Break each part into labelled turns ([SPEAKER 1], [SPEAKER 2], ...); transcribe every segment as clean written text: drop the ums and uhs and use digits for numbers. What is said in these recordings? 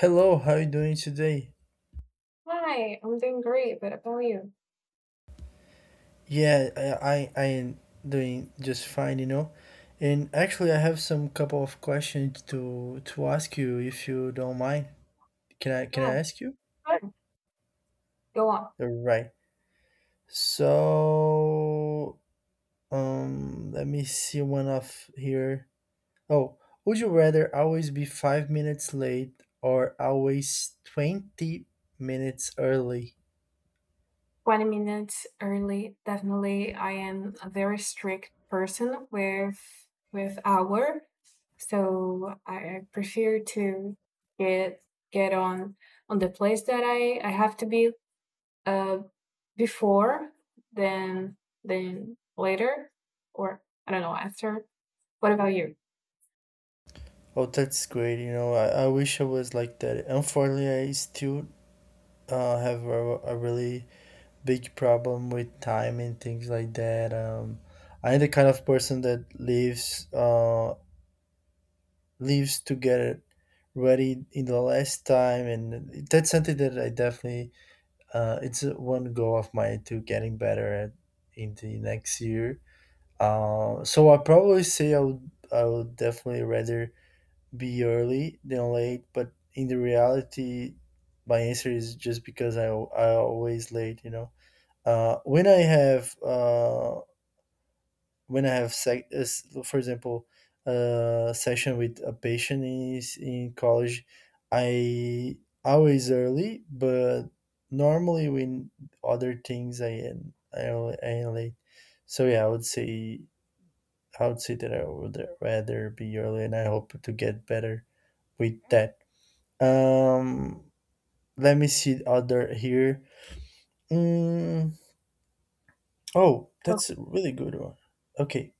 [SPEAKER 1] Hello, how are you doing today?
[SPEAKER 2] Hi, I'm doing great. But about you?
[SPEAKER 1] Yeah, I am doing just fine, you know. And actually, I have some couple of questions to ask you if you don't mind. Can I
[SPEAKER 2] Yeah,
[SPEAKER 1] ask you?
[SPEAKER 2] sure. Go on.
[SPEAKER 1] Right. So, let me see one off here. Oh, would you rather always be five minutes late or always twenty minutes early?
[SPEAKER 2] 20 minutes early. Definitely, I am a very strict person with hour, so I prefer to get get on the place that I have to be uh before than than later or I don't know after. What about you?
[SPEAKER 1] Oh, that's great. You know, I wish I was like that. Unfortunately, I still have a really big problem with time and things like that. I'm the kind of person that lives lives to get it ready in the last time, and that's something that I definitely it's one goal of mine to getting better at in the next year. So I probably say I would definitely rather be early than late, but in the reality, my answer is just because I always late, you know. When I have when I have for example a session with a patient in college, I always early, but normally when other things I am late. So yeah, I would say that I would rather be early, and I hope to get better with that. Um, Let me see other here. Mm, oh, that's a really good one. Okay,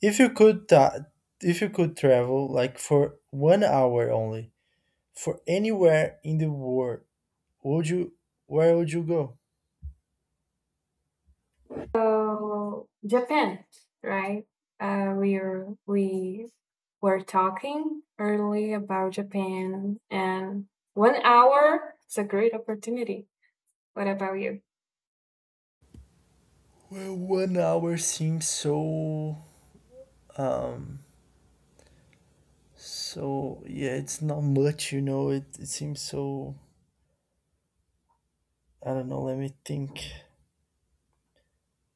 [SPEAKER 1] If you could ta- if you could travel like for one hour only for anywhere in the world, would you where would you go?
[SPEAKER 2] So Japan, right? We were talking early about Japan, and 1 hour is a great opportunity. What about you?
[SPEAKER 1] Well, one hour seems so um yeah, it's not much, you know. It seems so I don't know. Let me think.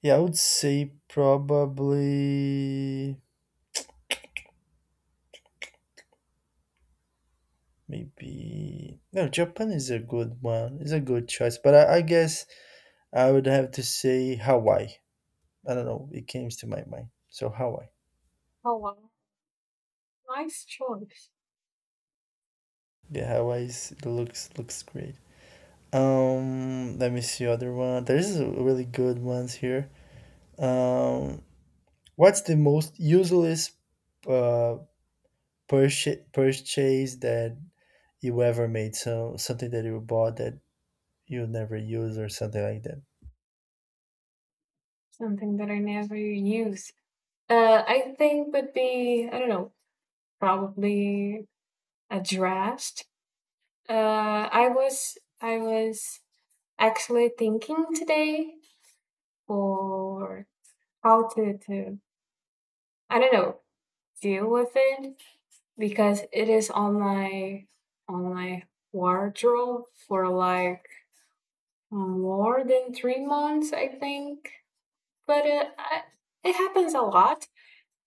[SPEAKER 1] Yeah, I would say probably maybe no. Japan is a good one. It's a good choice, but I guess I would have to say Hawaii. I don't know. It came to my mind. So Hawaii.
[SPEAKER 2] Oh, wow. Nice choice.
[SPEAKER 1] Yeah, looks great. Let me see other one. There is a really good ones here. Um, what's the most useless uh purchase that you ever made? So something that you bought that you never use or something like that.
[SPEAKER 2] Something that I never use. I think would be I don't know, probably a draft. I was actually thinking today for how to I don't know deal with it because it is on my wardrobe for like more than 3 months, I think. But it happens a lot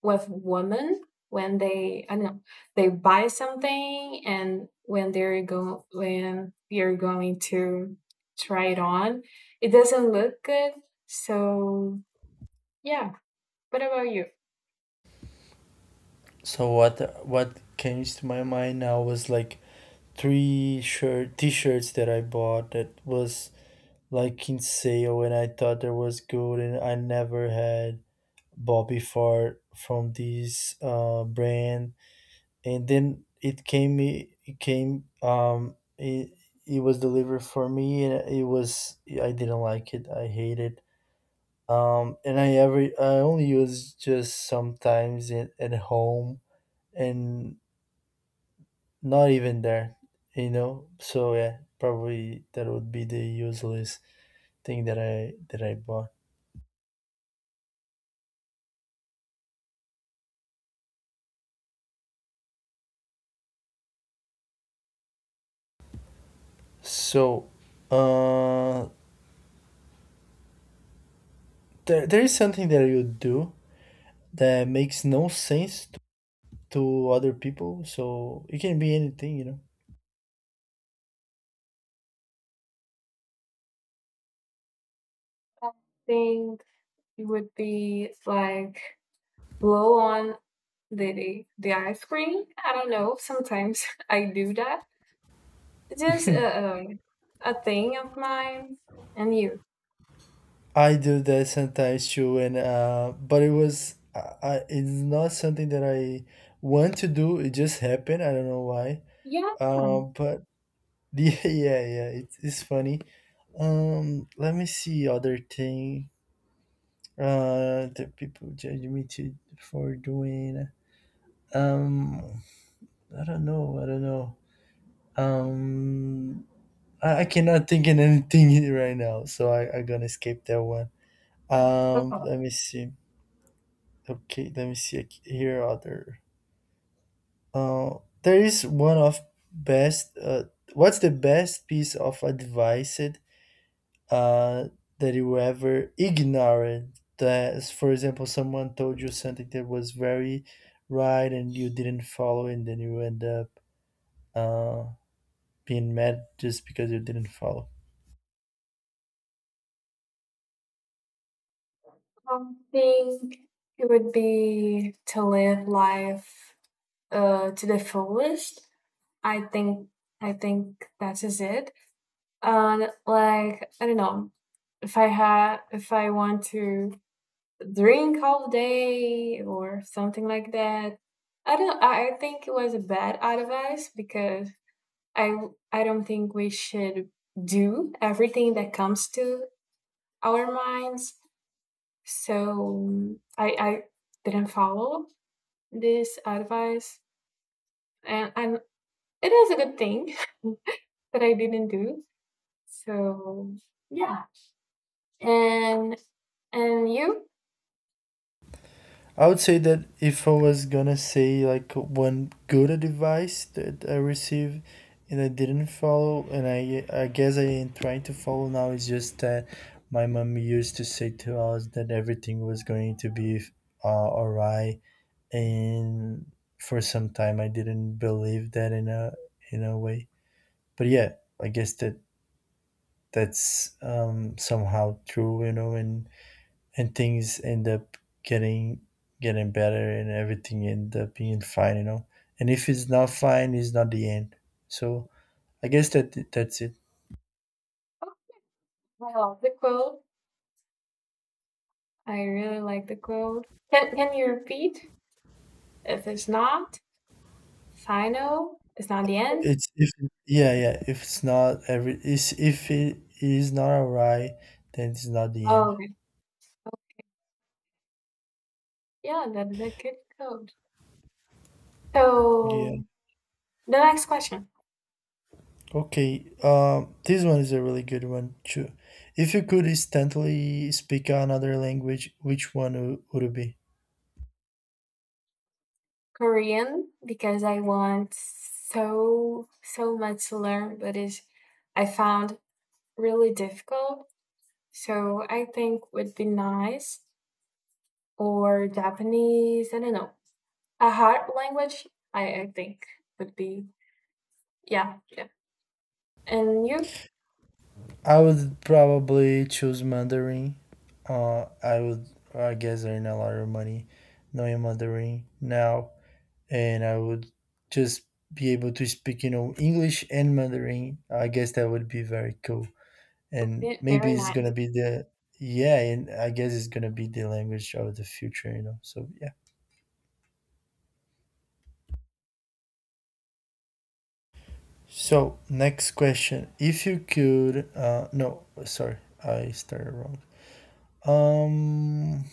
[SPEAKER 2] with women when they I don't know they buy something and when they're go when you're going to try it on, it doesn't look good. So yeah. What about you?
[SPEAKER 1] So what came to my mind now was like three shirt t-shirts that I bought that was like in sale, and I thought there was good, and I never had Bobby Fart from this brand. And then it came, um, it, it was delivered for me, and it was I didn't like it. I hate it. And I only use just sometimes at home and not even there, you know. So yeah, probably that would be the useless thing that I bought. So, uh, there is something that you do that makes no sense to other people. So it can be anything, you know.
[SPEAKER 2] I think it would be like blow on the ice cream. I don't know. Sometimes I do that. It's just a thing of mine. And you?
[SPEAKER 1] I do that sometimes too, and but it was I, it's not something that I want to do. It just happened. I don't know why.
[SPEAKER 2] Yeah.
[SPEAKER 1] But yeah. It's funny. Let me see other thing. That people judge me to for doing. Um, I don't know. I don't know. Um, I cannot think in anything right now, so I gonna skip that one. Let
[SPEAKER 2] Okay.
[SPEAKER 1] me see. Okay, let me see ac- here. Other. There is one of best. What's the best piece of advice uh that you ever ignored? That, for example, someone told you something that was very right and you didn't follow, and then you end up uh being mad just because you didn't follow.
[SPEAKER 2] I think it would be to live life to the fullest. I think I think that is it. And like I don't know if I want to drink all day or something like that. I don't. I think it was a bad advice because I I don't think we should do everything that comes to our minds. So I didn't follow this advice, and it is a good thing that I didn't do. So yeah, and you.
[SPEAKER 1] I would say that if I was gonna say like one good advice that I received and I didn't follow, and I guess I am trying to follow now is just that my mom used to say to us that everything was going to be alright, and for some time I didn't believe that in a way. But yeah, I guess that's somehow true, you know, and things end up getting getting better and everything end up being fine, you know. And if it's not fine, it's not the end. So I guess that's it.
[SPEAKER 2] Oh, I love the quote. I really like the quote. Can you repeat? If it's not final, it's not the end.
[SPEAKER 1] It's if yeah, if it's not every is if it is not alright, then it's not the end.
[SPEAKER 2] Oh, okay. Yeah, then that could go.
[SPEAKER 1] Yeah.
[SPEAKER 2] So the next question,
[SPEAKER 1] Okay, this one is a really good one too. If you could instantly speak another language, which one would it be?
[SPEAKER 2] Korean, because I want so much to learn, but it's I found really difficult. So I think would be nice or Japanese. I don't know. A hard language, I think would be yeah. And you?
[SPEAKER 1] I would probably choose Mandarin. Uh, I would, I guess, earn a lot of money knowing Mandarin now, and I would just be able to speak, you know, English and Mandarin. I guess that would be very cool, and maybe
[SPEAKER 2] Very
[SPEAKER 1] it's gonna
[SPEAKER 2] nice.
[SPEAKER 1] be the yeah, and I guess it's gonna be the language of the future, you know. So yeah. So next question: If you could, no, sorry, I started wrong. Um,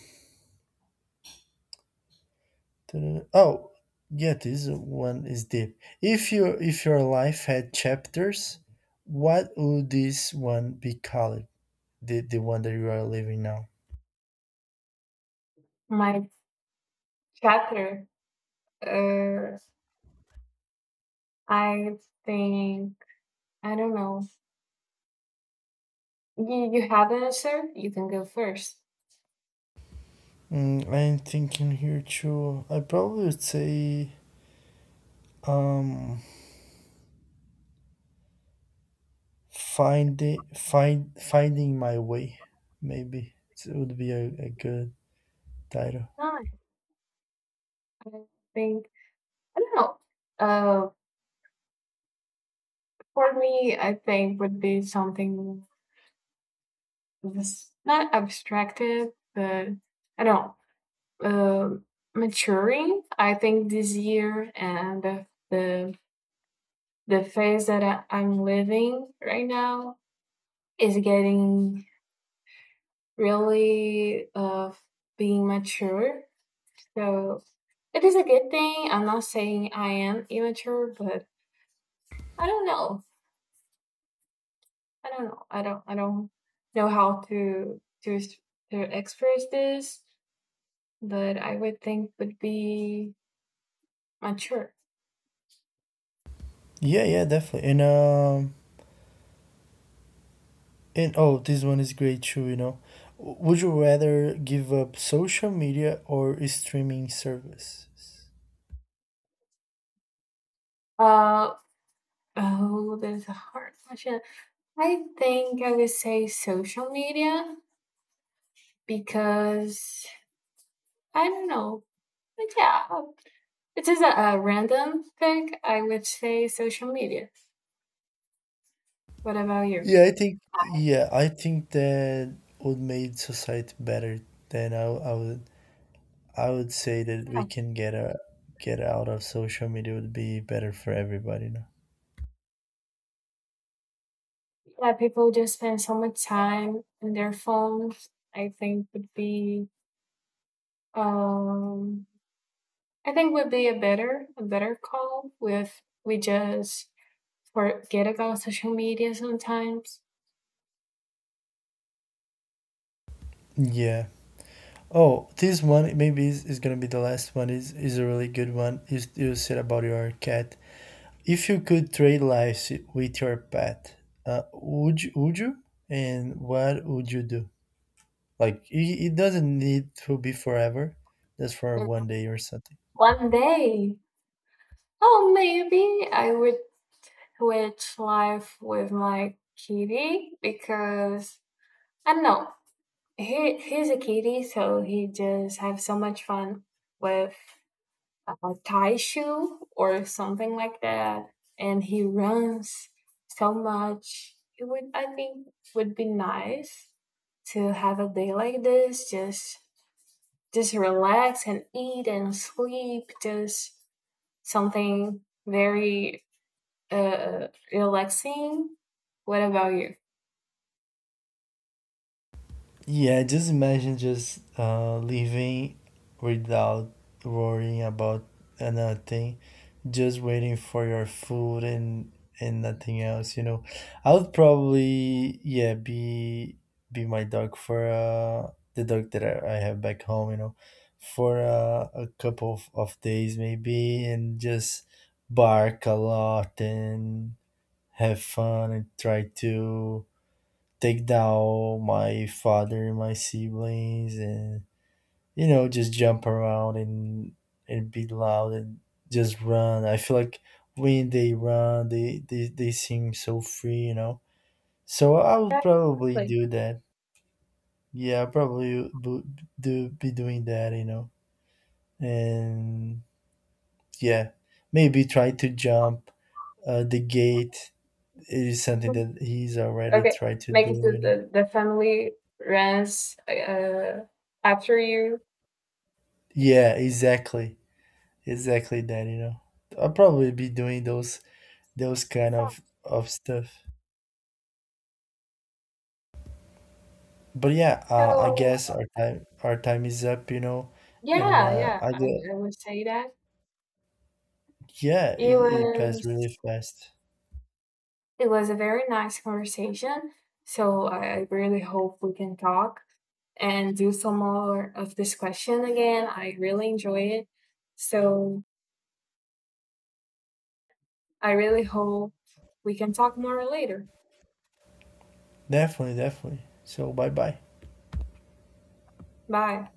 [SPEAKER 1] Oh, yeah, this one is deep. If your life had chapters, what would this one be called? The one that you are living now.
[SPEAKER 2] My chapter uh I think I don't know. You have an answer? You can go first.
[SPEAKER 1] I'm thinking here too. I probably would say um finding my way. Maybe it would be a good title.
[SPEAKER 2] No, I think I don't know. Uh, for me, I think would be something that's not abstracted, but I don't know. Maturing. I think this year and the phase that I'm living right now is getting really of being mature. So it is a good thing. I'm not saying I am immature, but I don't know. I don't know. I don't know how to express this, but I would think would be mature.
[SPEAKER 1] Yeah, definitely. And oh, this one is great too, you know. Would you rather give up social media or streaming services?
[SPEAKER 2] Uh oh, that's a hard question. I think I would say social media because I don't know. But yeah, it is a random pick. I would say social media. What about you?
[SPEAKER 1] Yeah, I think that would make society better. Then I would say that we can get out of social media would be better for everybody, you know.
[SPEAKER 2] Yeah, people just spend so much time on their phones. I think would be um I think would be a better call with we just forget about social media sometimes.
[SPEAKER 1] Yeah. Oh, this one maybe is gonna be the last one. Is a really good one. You said about your cat. If you could trade lives with your pet, would you? And what would you do? Like it doesn't need to be forever, just for one day or something.
[SPEAKER 2] One day, oh maybe I would switch life with my kitty because I don't know. He's a kitty, so he just have so much fun with a tie shoe or something like that, and he runs so much. It would, I think, would be nice to have a day like this. Just relax and eat and sleep. Just something very relaxing. What about you?
[SPEAKER 1] Yeah, just imagine just living without worrying about anything, just waiting for your food and nothing else. You know, I would probably yeah be my dog for the dog that I have back home. You know, for a couple of days maybe, and just bark a lot and have fun and try to take down my father and my siblings and you know just jump around and be loud and just run. I feel like when they run they seem so free, you know. So I would probably
[SPEAKER 2] Exactly.
[SPEAKER 1] do that. Yeah, do be doing that, you know. And yeah, maybe try to jump the gate. It is something that he's already
[SPEAKER 2] Okay,
[SPEAKER 1] tried to do,
[SPEAKER 2] make it to
[SPEAKER 1] you know.
[SPEAKER 2] the family runs after you.
[SPEAKER 1] Yeah, exactly, exactly that, you know. I'll probably be doing those kind of stuff. But yeah,
[SPEAKER 2] So
[SPEAKER 1] our time is up, you know. And
[SPEAKER 2] yeah, yeah,
[SPEAKER 1] I get
[SPEAKER 2] I would say that.
[SPEAKER 1] yeah,
[SPEAKER 2] It
[SPEAKER 1] it passed really
[SPEAKER 2] was
[SPEAKER 1] fast.
[SPEAKER 2] it was a very nice conversation, so I really hope we can talk and do some more of this question again. I really enjoy it. So I really hope we can talk more later.
[SPEAKER 1] Definitely, definitely. So bye bye.
[SPEAKER 2] Bye.